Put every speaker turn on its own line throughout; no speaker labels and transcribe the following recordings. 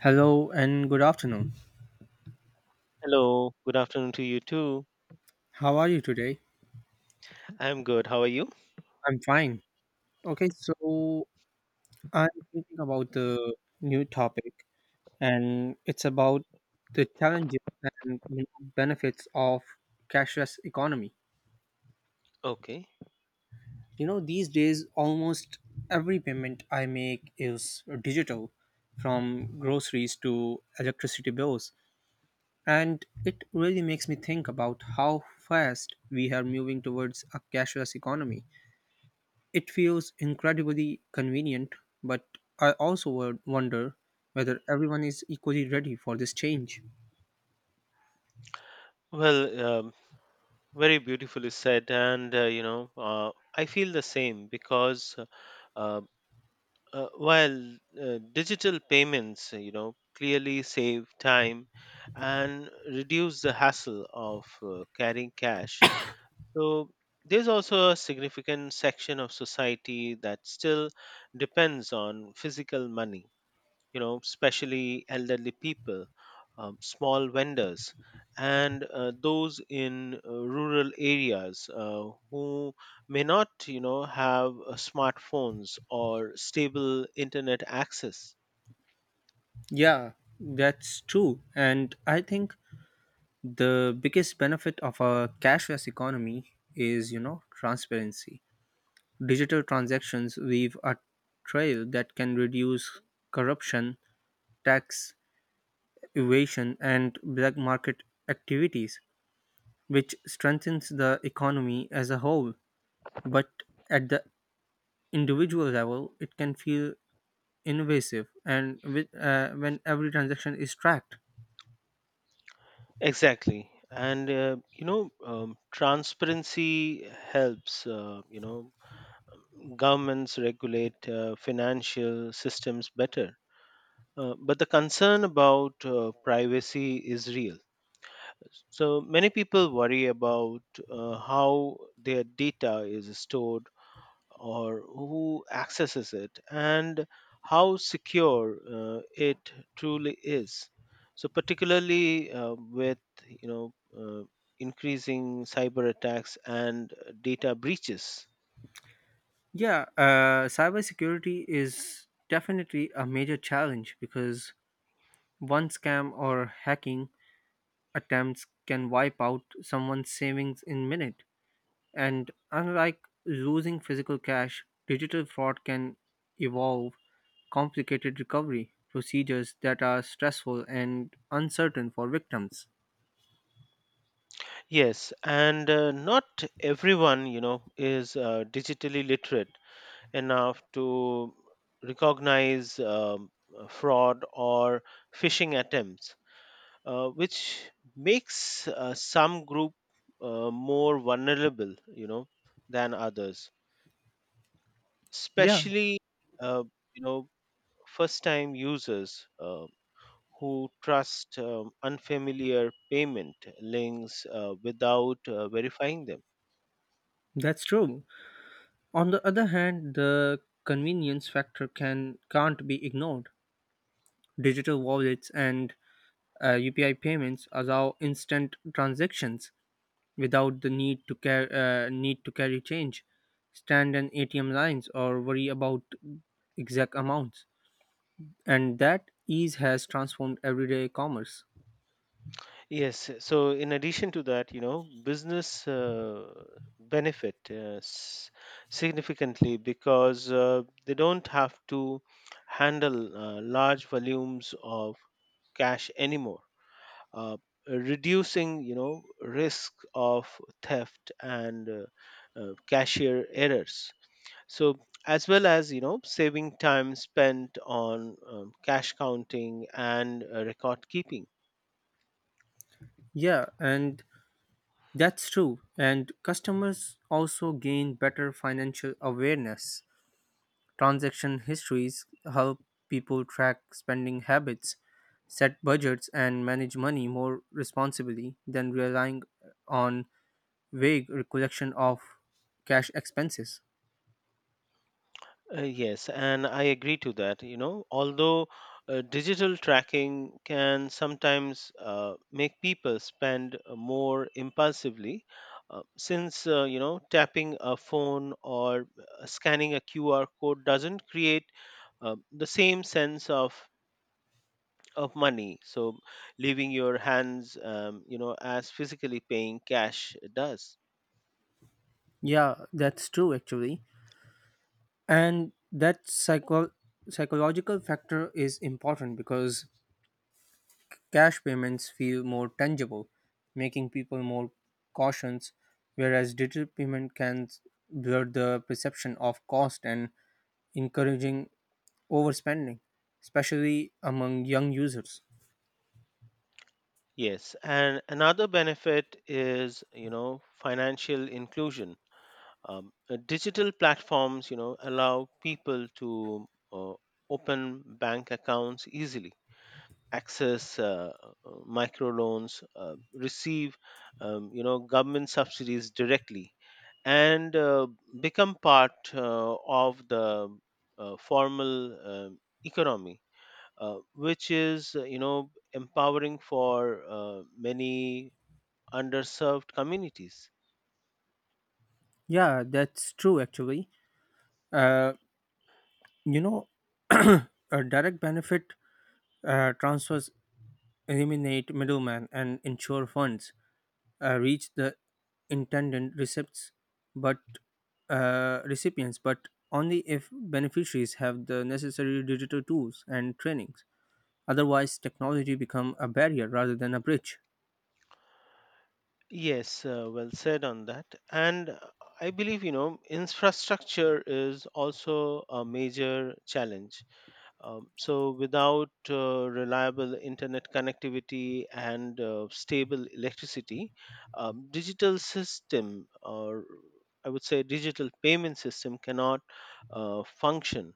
Hello and good afternoon.
Hello, good afternoon to you too.
How are you today?
I'm good. How are you?
I'm fine. Okay, so I'm thinking about the new topic, and it's about the challenges and, you know, benefits of cashless economy.
Okay.
You know, these days almost every payment I make is digital, from groceries to electricity bills, and it really makes me think about how fast we are moving towards a cashless economy. It feels incredibly convenient, but I also wonder whether everyone is equally ready for this change.
Well, very beautifully said, and I feel the same because uh, while digital payments, clearly save time and reduce the hassle of carrying cash, so there's also a significant section of society that still depends on physical money, you know, especially elderly people, small vendors, and those in rural areas who may not, you know, have smartphones or stable internet access.
Yeah, that's true. And I think the biggest benefit of a cashless economy is, you know, transparency. Digital transactions leave a trail that can reduce corruption, tax evasion, and black market activities, which strengthens the economy as a whole. But at the individual level, it can feel invasive and with, when every transaction is tracked.
Exactly. And transparency helps, governments regulate financial systems better. But the concern about privacy is real. So many people worry about how their data is stored or who accesses it and how secure it truly is. So particularly with you know uh, increasing cyber attacks and data breaches.
Yeah, cybersecurity is definitely a major challenge because one scam or hacking attempts can wipe out someone's savings in minute. And unlike losing physical cash, digital fraud can evolve complicated recovery procedures that are stressful and uncertain for victims.
Yes, and not everyone, you know, is digitally literate enough to recognize fraud or phishing attempts, which makes some group more vulnerable, you know, than others,
Yeah,
especially uh, you know first-time users who trust unfamiliar payment links without verifying them.
that's true. On the other hand, the convenience factor can't be ignored. Digital wallets and UPI payments allow instant transactions without the need to carry change, stand in ATM lines, or worry about exact amounts. And that ease has transformed everyday commerce.
Yes. So, in addition to that, you know, business benefit significantly because they don't have to handle large volumes of cash anymore, uh, reducing, you know, risk of theft and cashier errors. So, as well as, you know, saving time spent on cash counting and record keeping.
Yeah, and that's true. And customers also gain better financial awareness. Transaction histories help people track spending habits, set budgets, and manage money more responsibly than relying on vague recollection of cash expenses.
Yes, and I agree to that. You know, although digital tracking can sometimes make people spend more impulsively, since tapping a phone or scanning a QR code doesn't create the same sense of money. So, leaving your hands, as physically paying cash does.
Yeah, that's true actually. And that psychological factor is important because cash payments feel more tangible, making people more cautious, whereas digital payment can blur the perception of cost and encouraging overspending, especially among young users.
Yes, and another benefit is, you know, financial inclusion. Digital platforms, you know, allow people to uh, open bank accounts easily, access microloans, receive, you know, government subsidies directly, and become part of the formal um economy, which is, you know, empowering for many underserved communities.
Yeah, that's true actually. Uh, you know, a direct benefit transfers eliminate middlemen and ensure funds reach the intended but recipients, but only if beneficiaries have the necessary digital tools and trainings. Otherwise, technology become a barrier rather than a bridge.
Yes, well said on that. And I believe, you know, infrastructure is also a major challenge. So, without reliable internet connectivity and stable electricity, digital system, or I would say digital payment system, cannot function,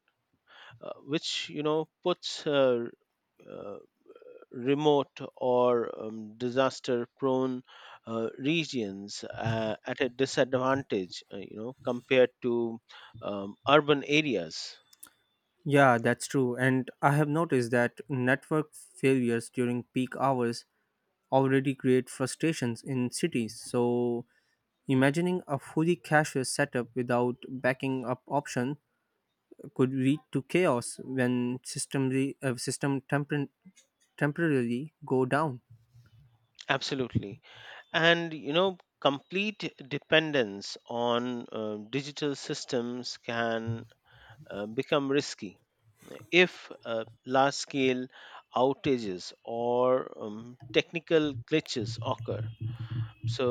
which, you know, puts uh, remote or disaster prone regions at a disadvantage, you know, compared to urban areas.
Yeah, that's true. And I have noticed that network failures during peak hours already create frustrations in cities. So, imagining a fully cashless setup without backing up option could lead to chaos when temporarily go down.
Absolutely. And, you know, complete dependence on digital systems can become risky if large scale outages or technical glitches occur. So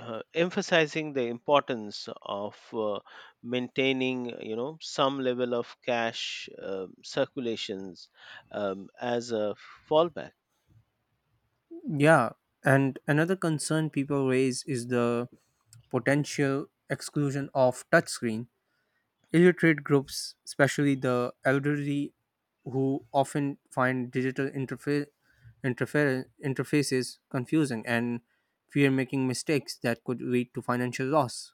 emphasizing the importance of maintaining, you know, some level of cash circulations, as a fallback.
Yeah, and another concern people raise is the potential exclusion of touchscreens. Illiterate groups, especially the elderly, who often find digital interfaces confusing and fear making mistakes that could lead to financial loss.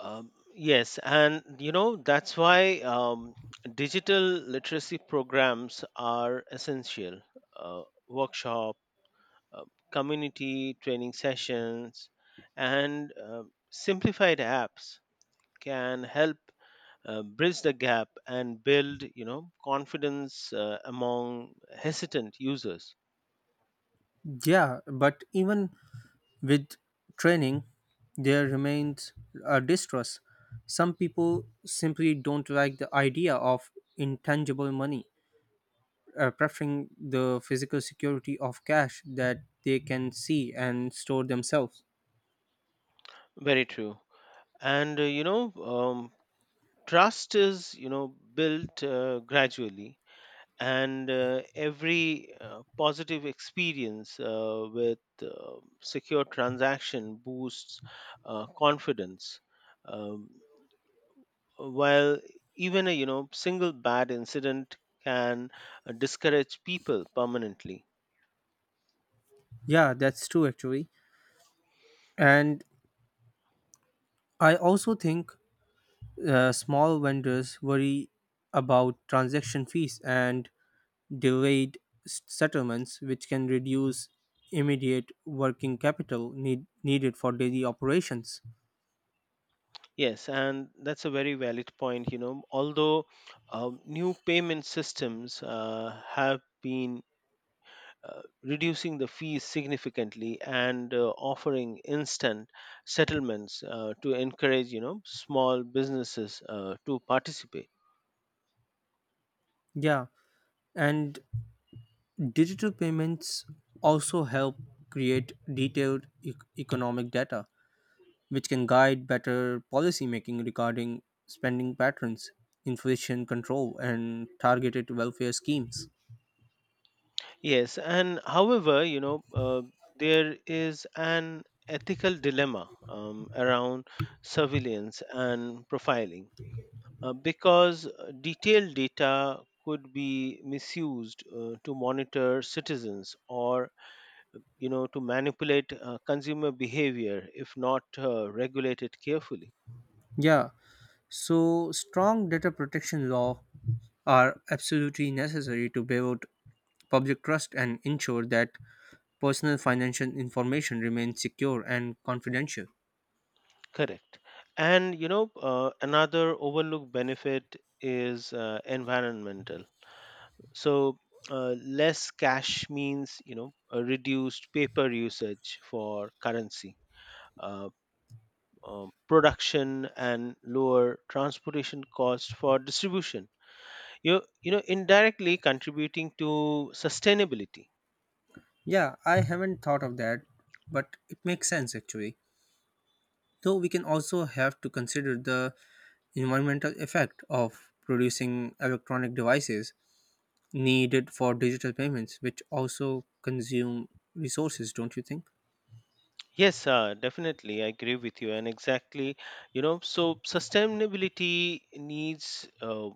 Yes, and, you know, that's why, digital literacy programs are essential. uh, Workshop, uh, community training sessions, and simplified apps can help bridge the gap and build, you know, confidence among hesitant users.
Yeah, but even with training, there remains a distrust. Some people simply don't like the idea of intangible money, preferring the physical security of cash that they can see and store themselves.
Very true. And, you know, trust is, you know, built gradually, and every positive experience with secure transaction boosts confidence, um, while even a, you know, single bad incident can discourage people permanently.
Yeah, that's true actually. And I also think small vendors worry about transaction fees and delayed settlements, which can reduce immediate working capital needed for daily operations.
Yes, and that's a very valid point. You know, although new payment systems have been reducing the fees significantly and offering instant settlements to encourage, you know, small businesses to participate.
Yeah, and digital payments also help create detailed economic data which can guide better policymaking regarding spending patterns, inflation control, and targeted welfare schemes.
Yes, and however, you know, there is an ethical dilemma around surveillance and profiling, because detailed data could be misused to monitor citizens or, you know, to manipulate consumer behavior if not regulated carefully.
Yeah, so strong data protection law are absolutely necessary to build public trust and ensure that personal financial information remains secure and confidential.
Correct. And, you know, another overlooked benefit is environmental. So uh, less cash means, you know, a reduced paper usage for currency, uh, production and lower transportation costs for distribution, you know, indirectly contributing to sustainability.
Yeah, I haven't thought of that, but it makes sense actually. Though we can also have to consider the environmental effect of producing electronic devices needed for digital payments, which also consume resources, don't you think?
Yes, definitely I agree with you, and exactly, you know. So sustainability needs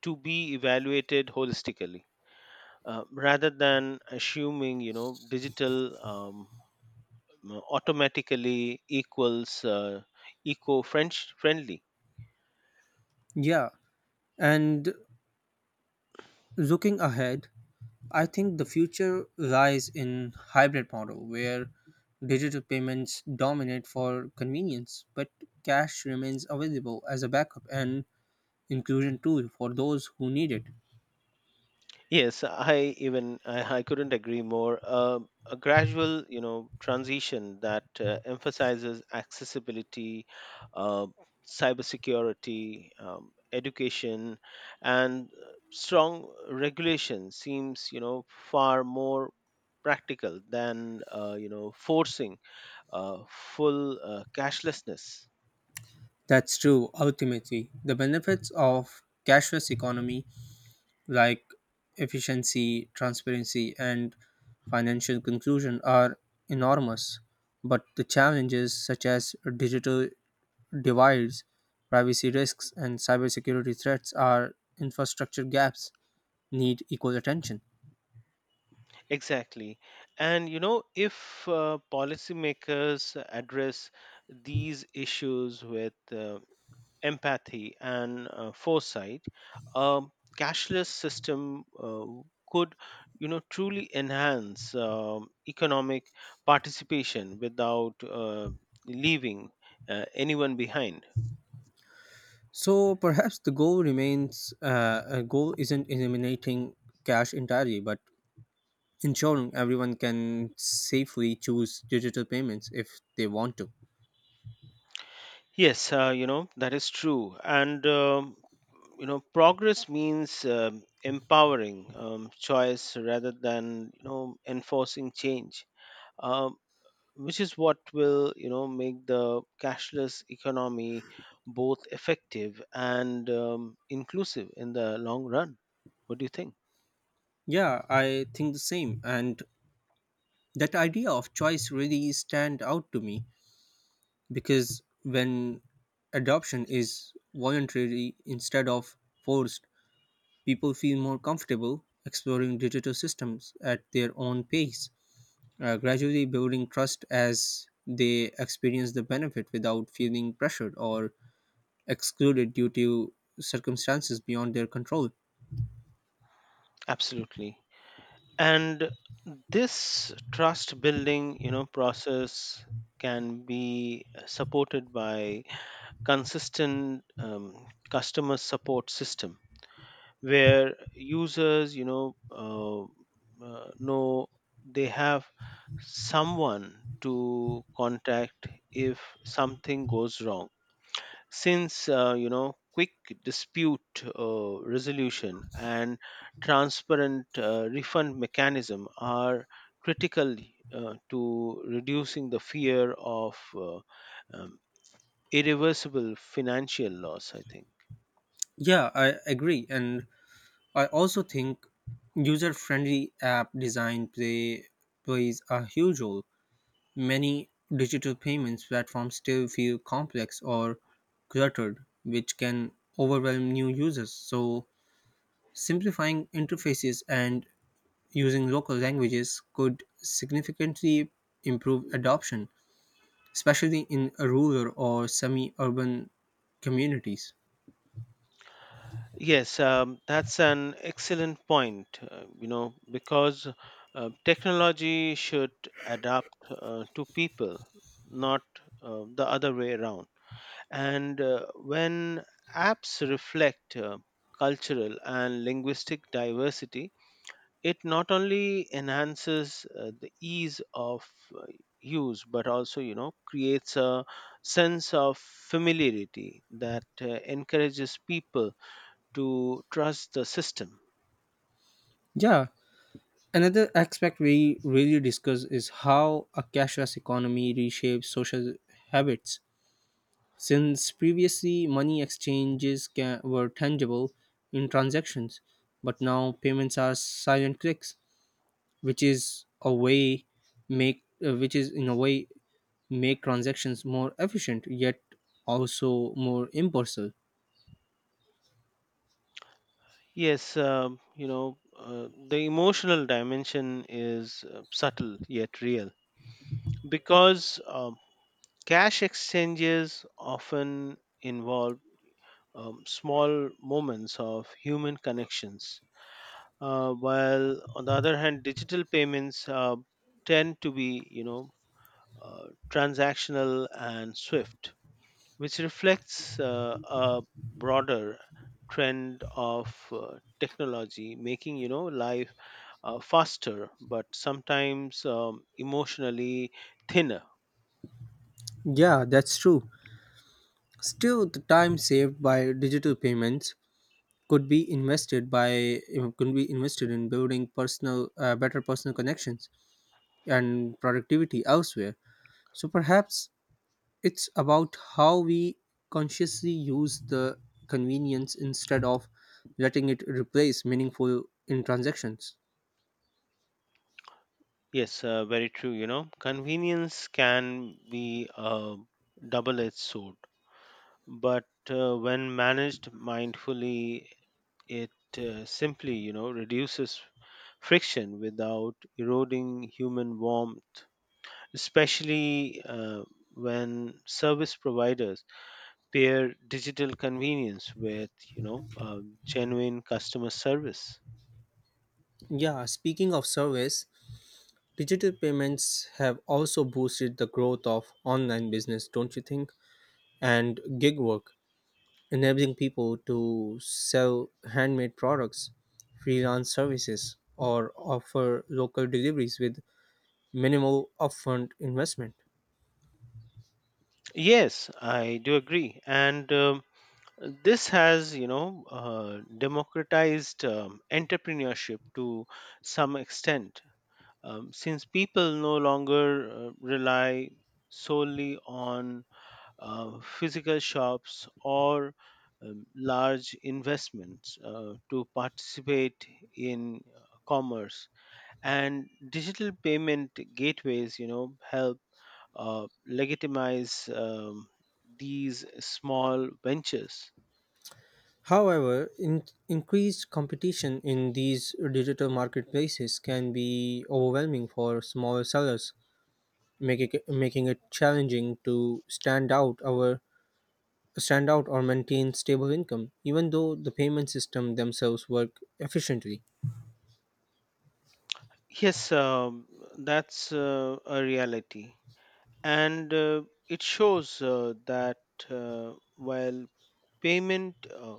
to be evaluated holistically, rather than assuming, you know, digital automatically equals eco friendly.
Yeah, and looking ahead, I think the future lies in hybrid model where digital payments dominate for convenience, but cash remains available as a backup and inclusion tool for those who need it.
Yes, I couldn't agree more. A gradual, you know, transition that emphasizes accessibility, uh, cybersecurity, education, and strong regulation seems, you know, far more practical than, you know, forcing full cashlessness.
That's true. Ultimately, the benefits of cashless economy, like efficiency, transparency, and financial conclusion, are enormous. But the challenges, such as digital divides, privacy risks, and cybersecurity threats, are infrastructure gaps need equal attention.
Exactly. And, you know, if policymakers address these issues with empathy and foresight, a cashless system could, you know, truly enhance economic participation without leaving anyone behind.
So perhaps the goal remains a goal isn't eliminating cash entirely, but ensuring everyone can safely choose digital payments if they want to.
Yes, you know, that is true. And, you know, progress means empowering, choice rather than, you know, enforcing change, um, which is what will, you know, make the cashless economy both effective and, inclusive in the long run. What do you think?
Yeah, I think the same. And that idea of choice really stand out to me because when adoption is voluntary instead of forced, people feel more comfortable exploring digital systems at their own pace, gradually building trust as they experience the benefit without feeling pressured or excluded due to circumstances beyond their control.
Absolutely. And this trust building, you know, process can be supported by consistent customer support system where users, you know they have someone to contact if something goes wrong, since, you know, quick dispute resolution and transparent refund mechanism are critical to reducing the fear of um, irreversible financial loss, I think.
Yeah, I agree. And I also think user-friendly app design plays a huge role. Many digital payments platforms still feel complex or cluttered, which can overwhelm new users. So simplifying interfaces and using local languages could significantly improve adoption, especially in rural or semi-urban communities.
Yes, that's an excellent point, you know, because technology should adapt to people, not the other way around. And when apps reflect cultural and linguistic diversity, it not only enhances the ease of uh, use but also, you know, creates a sense of familiarity that encourages people to trust the system.
Yeah, another aspect we really discuss is how a cashless economy reshapes social habits. Since previously money exchanges ca were tangible in transactions, but now payments are silent clicks, which is a way which is in a way make transactions more efficient yet also more impersonal.
Yes, the emotional dimension is subtle yet real, because cash exchanges often involve small moments of human connections. While on the other hand, digital payments tend to be, you know, transactional and swift, which reflects a broader trend of technology making, you know, life faster, but sometimes emotionally thinner.
Yeah, that's true. Still, the time saved by digital payments could be invested in building personal better personal connections and productivity elsewhere. So perhaps it's about how we consciously use the convenience instead of letting it replace meaningful in transactions.
Yes, very true. You know, convenience can be a double edged sword, but when managed mindfully, it simply, you know, reduces friction without eroding human warmth, especially when service providers pair digital convenience with, you know, genuine customer service.
Yeah, speaking of service, digital payments have also boosted the growth of online business, don't you think, and gig work, enabling people to sell handmade products, freelance services, or offer local deliveries with minimal upfront investment.
Yes, I do agree, and this has, you know, democratized entrepreneurship to some extent, since people no longer rely solely on physical shops or large investments to participate in commerce, and digital payment gateways, you know, help legitimize these small ventures.
However, increased competition in these digital marketplaces can be overwhelming for smaller sellers, making it challenging to stand out or maintain stable income, even though the payment system themselves work efficiently.
Yes, that's a reality, and it shows that while payment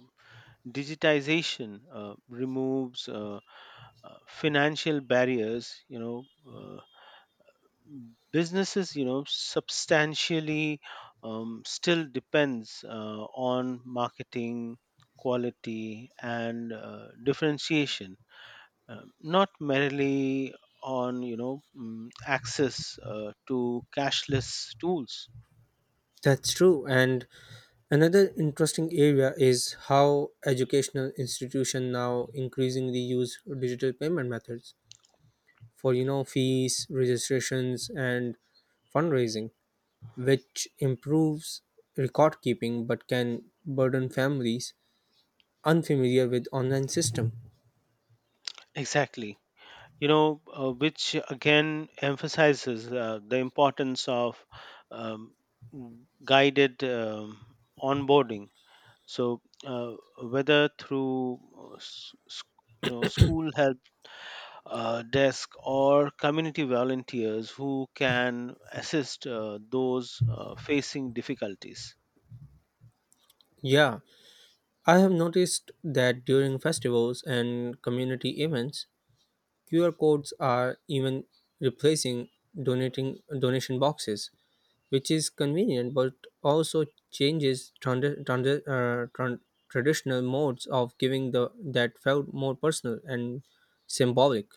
digitization removes financial barriers, you know, uh, businesses, you know, substantially still depends on marketing quality and differentiation, not merely on, you know, access to cashless tools.
That's true, and another interesting area is how educational institutions now increasingly use digital payment methods for, you know, fees, registrations and fundraising, which improves record keeping but can burden families unfamiliar with online system.
Exactly, you know. Which again emphasizes the importance of um, guided onboarding. So whether through you know, school help desk or community volunteers who can assist those facing difficulties.
Yeah, I have noticed that during festivals and community events, QR codes are even replacing donating donation boxes, which is convenient but also changes traditional modes of giving the that felt more personal and symbolic.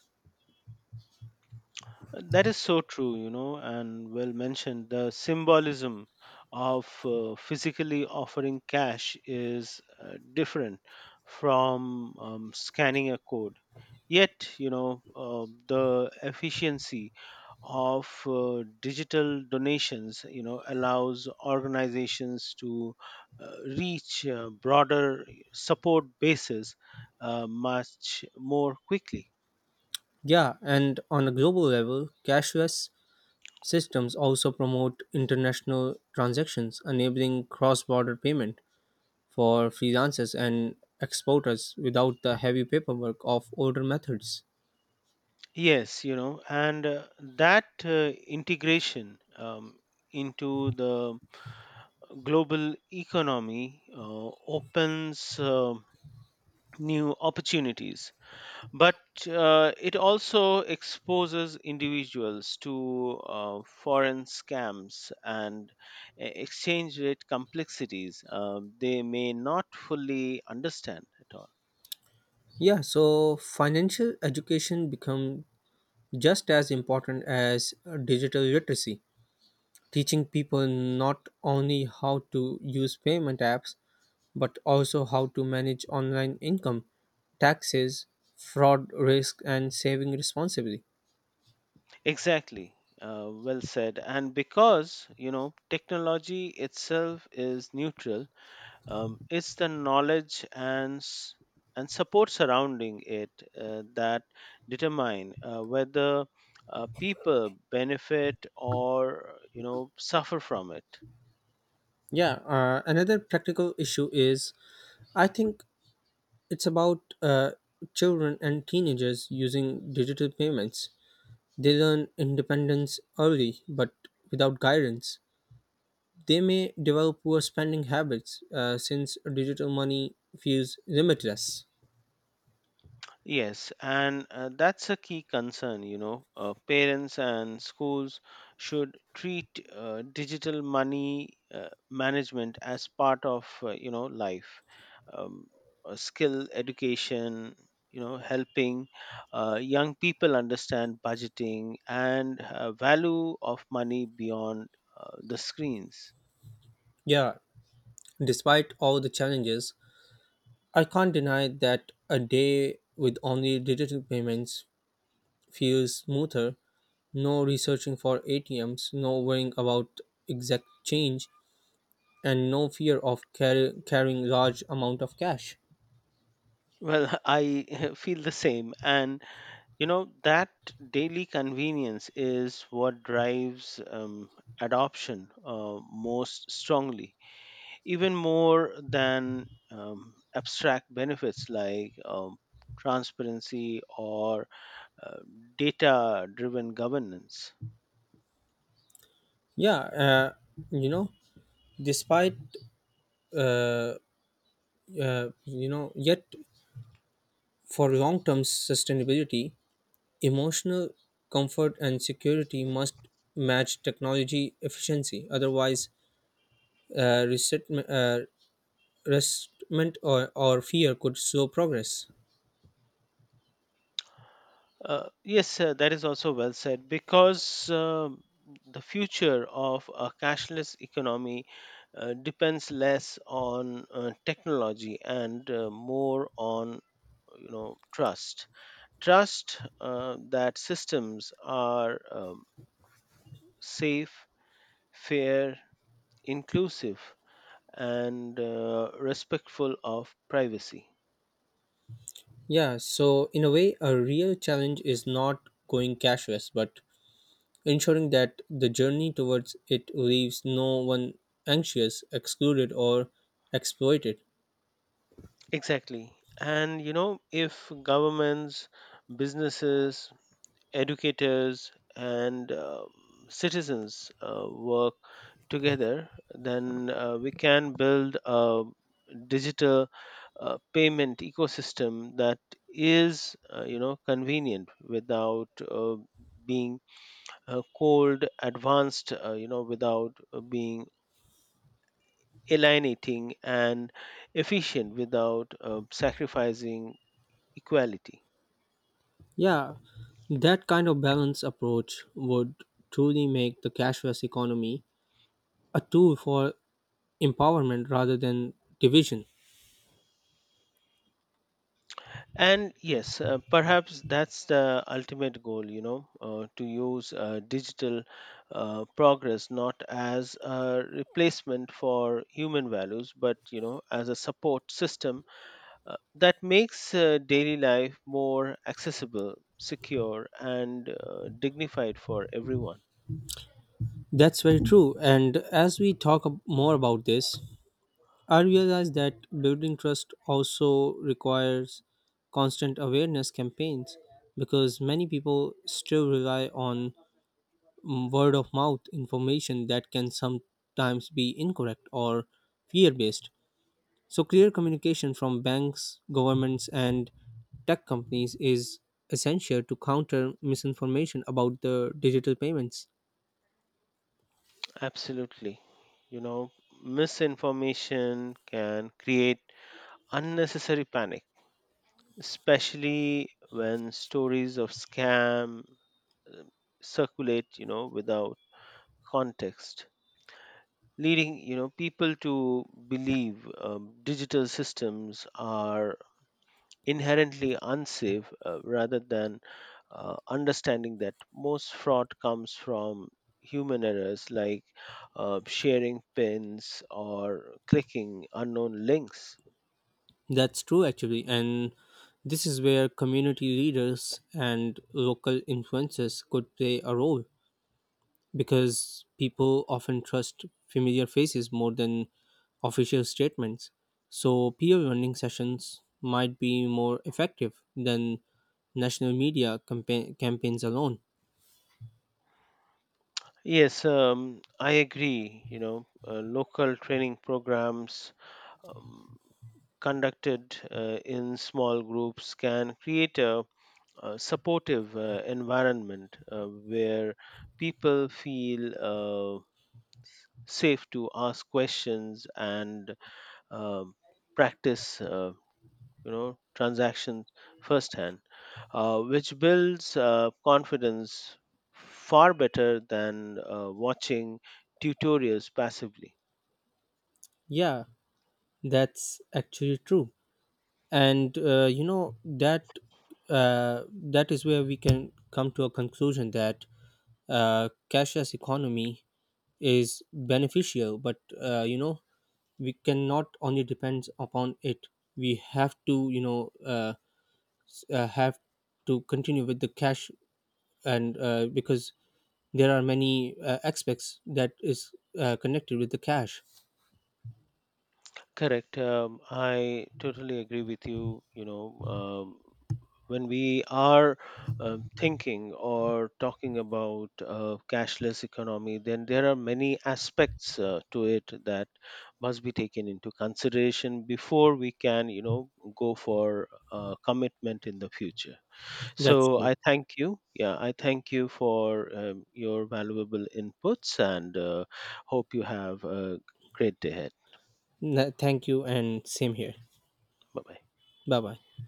That is so true, you know, and well mentioned. The symbolism of physically offering cash is different from scanning a code. Yet, you know, the efficiency of digital donations, you know, allows organizations to reach broader support bases much more quickly.
Yeah, and on a global level, cashless systems also promote international transactions, enabling cross-border payment for freelancers and exporters without the heavy paperwork of older methods.
Yes, you know, and that integration into the global economy opens new opportunities, but it also exposes individuals to foreign scams and exchange rate complexities they may not fully understand at all.
Yeah, so financial education become just as important as digital literacy, teaching people not only how to use payment apps but also how to manage online income, taxes, fraud risk, and saving responsibly.
Exactly, well said. And because, you know, technology itself is neutral. It's the knowledge and and support surrounding it that determine whether people benefit or, you know, suffer from it.
Yeah, another practical issue is, I think, it's about children and teenagers using digital payments. They learn independence early but without guidance. They may develop poor spending habits since digital money feels limitless.
Yes, and that's a key concern, you know. Parents and schools should treat digital money management as part of, you know, life. Um, Skill education, you know, helping young people understand budgeting and value of money beyond the screens.
Yeah, despite all the challenges, I can't deny that a day with only digital payments feels smoother. No researching for ATMs, no worrying about exact change, and no fear of carrying large amount of cash.
Well, I feel the same. And you know, that daily convenience is what drives adoption most strongly, even more than abstract benefits like transparency or uh, data driven governance.
Yeah, uh, you know, despite uh, yet for long-term sustainability, emotional comfort and security must match technology efficiency. Otherwise, resentment, or fear could slow progress.
Yes, that is also well said, because the future of a cashless economy depends less on technology and more on, you know, trust, that systems are safe, fair, inclusive, and respectful of privacy.
Yeah, so in a way, a real challenge is not going cashless, but ensuring that the journey towards it leaves no one anxious, excluded, or exploited.
Exactly. And, you know, if governments, businesses, educators, and citizens work together, then we can build a digital payment ecosystem that is, you know, convenient without being cold, advanced, you know, without being alienating, and efficient without sacrificing equality.
Yeah, that kind of balanced approach would truly make the cashless economy a tool for empowerment rather than division.
And yes, perhaps that's the ultimate goal, you know, to use digital progress not as a replacement for human values, but, you know, as a support system that makes daily life more accessible, secure, and dignified for everyone.
That's very true. And as we talk more about this, I realize that building trust also requires constant awareness campaigns because many people still rely on word of mouth information that can sometimes be incorrect or fear based. So, clear communication from banks, governments, and tech companies is essential to counter misinformation about the digital payments.
Absolutely. You know, misinformation can create unnecessary panic, especially when stories of scam uh, circulate, you know, without context, leading, you know, people to believe digital systems are inherently unsafe, rather than understanding that most fraud comes from human errors like sharing pins or clicking unknown links.
That's true, actually. And this is where community leaders and local influencers could play a role because people often trust familiar faces more than official statements. So, peer learning sessions might be more effective than national media campaigns alone.
Yes, I agree. You know, local training programs um, conducted in small groups can create a supportive environment where people feel safe to ask questions, and um practice, you know, transactions firsthand, which builds confidence far better than watching tutorials passively.
Yeah, that's actually true. And that is where we can come to a conclusion that cashless economy is beneficial, but, you know, we cannot only depend upon it. We have to, you know, have to continue with the cash. And because there are many aspects that is connected with the cash.
Correct. I totally agree with you. You know, when we are thinking or talking about cashless economy, then there are many aspects to it that must be taken into consideration before we can, you know, go for commitment in the future.
That's
So
true.
I thank you. Yeah, I thank you for your valuable inputs, and hope you have a great day ahead.
Thank you and same here.
Bye bye.
Bye bye.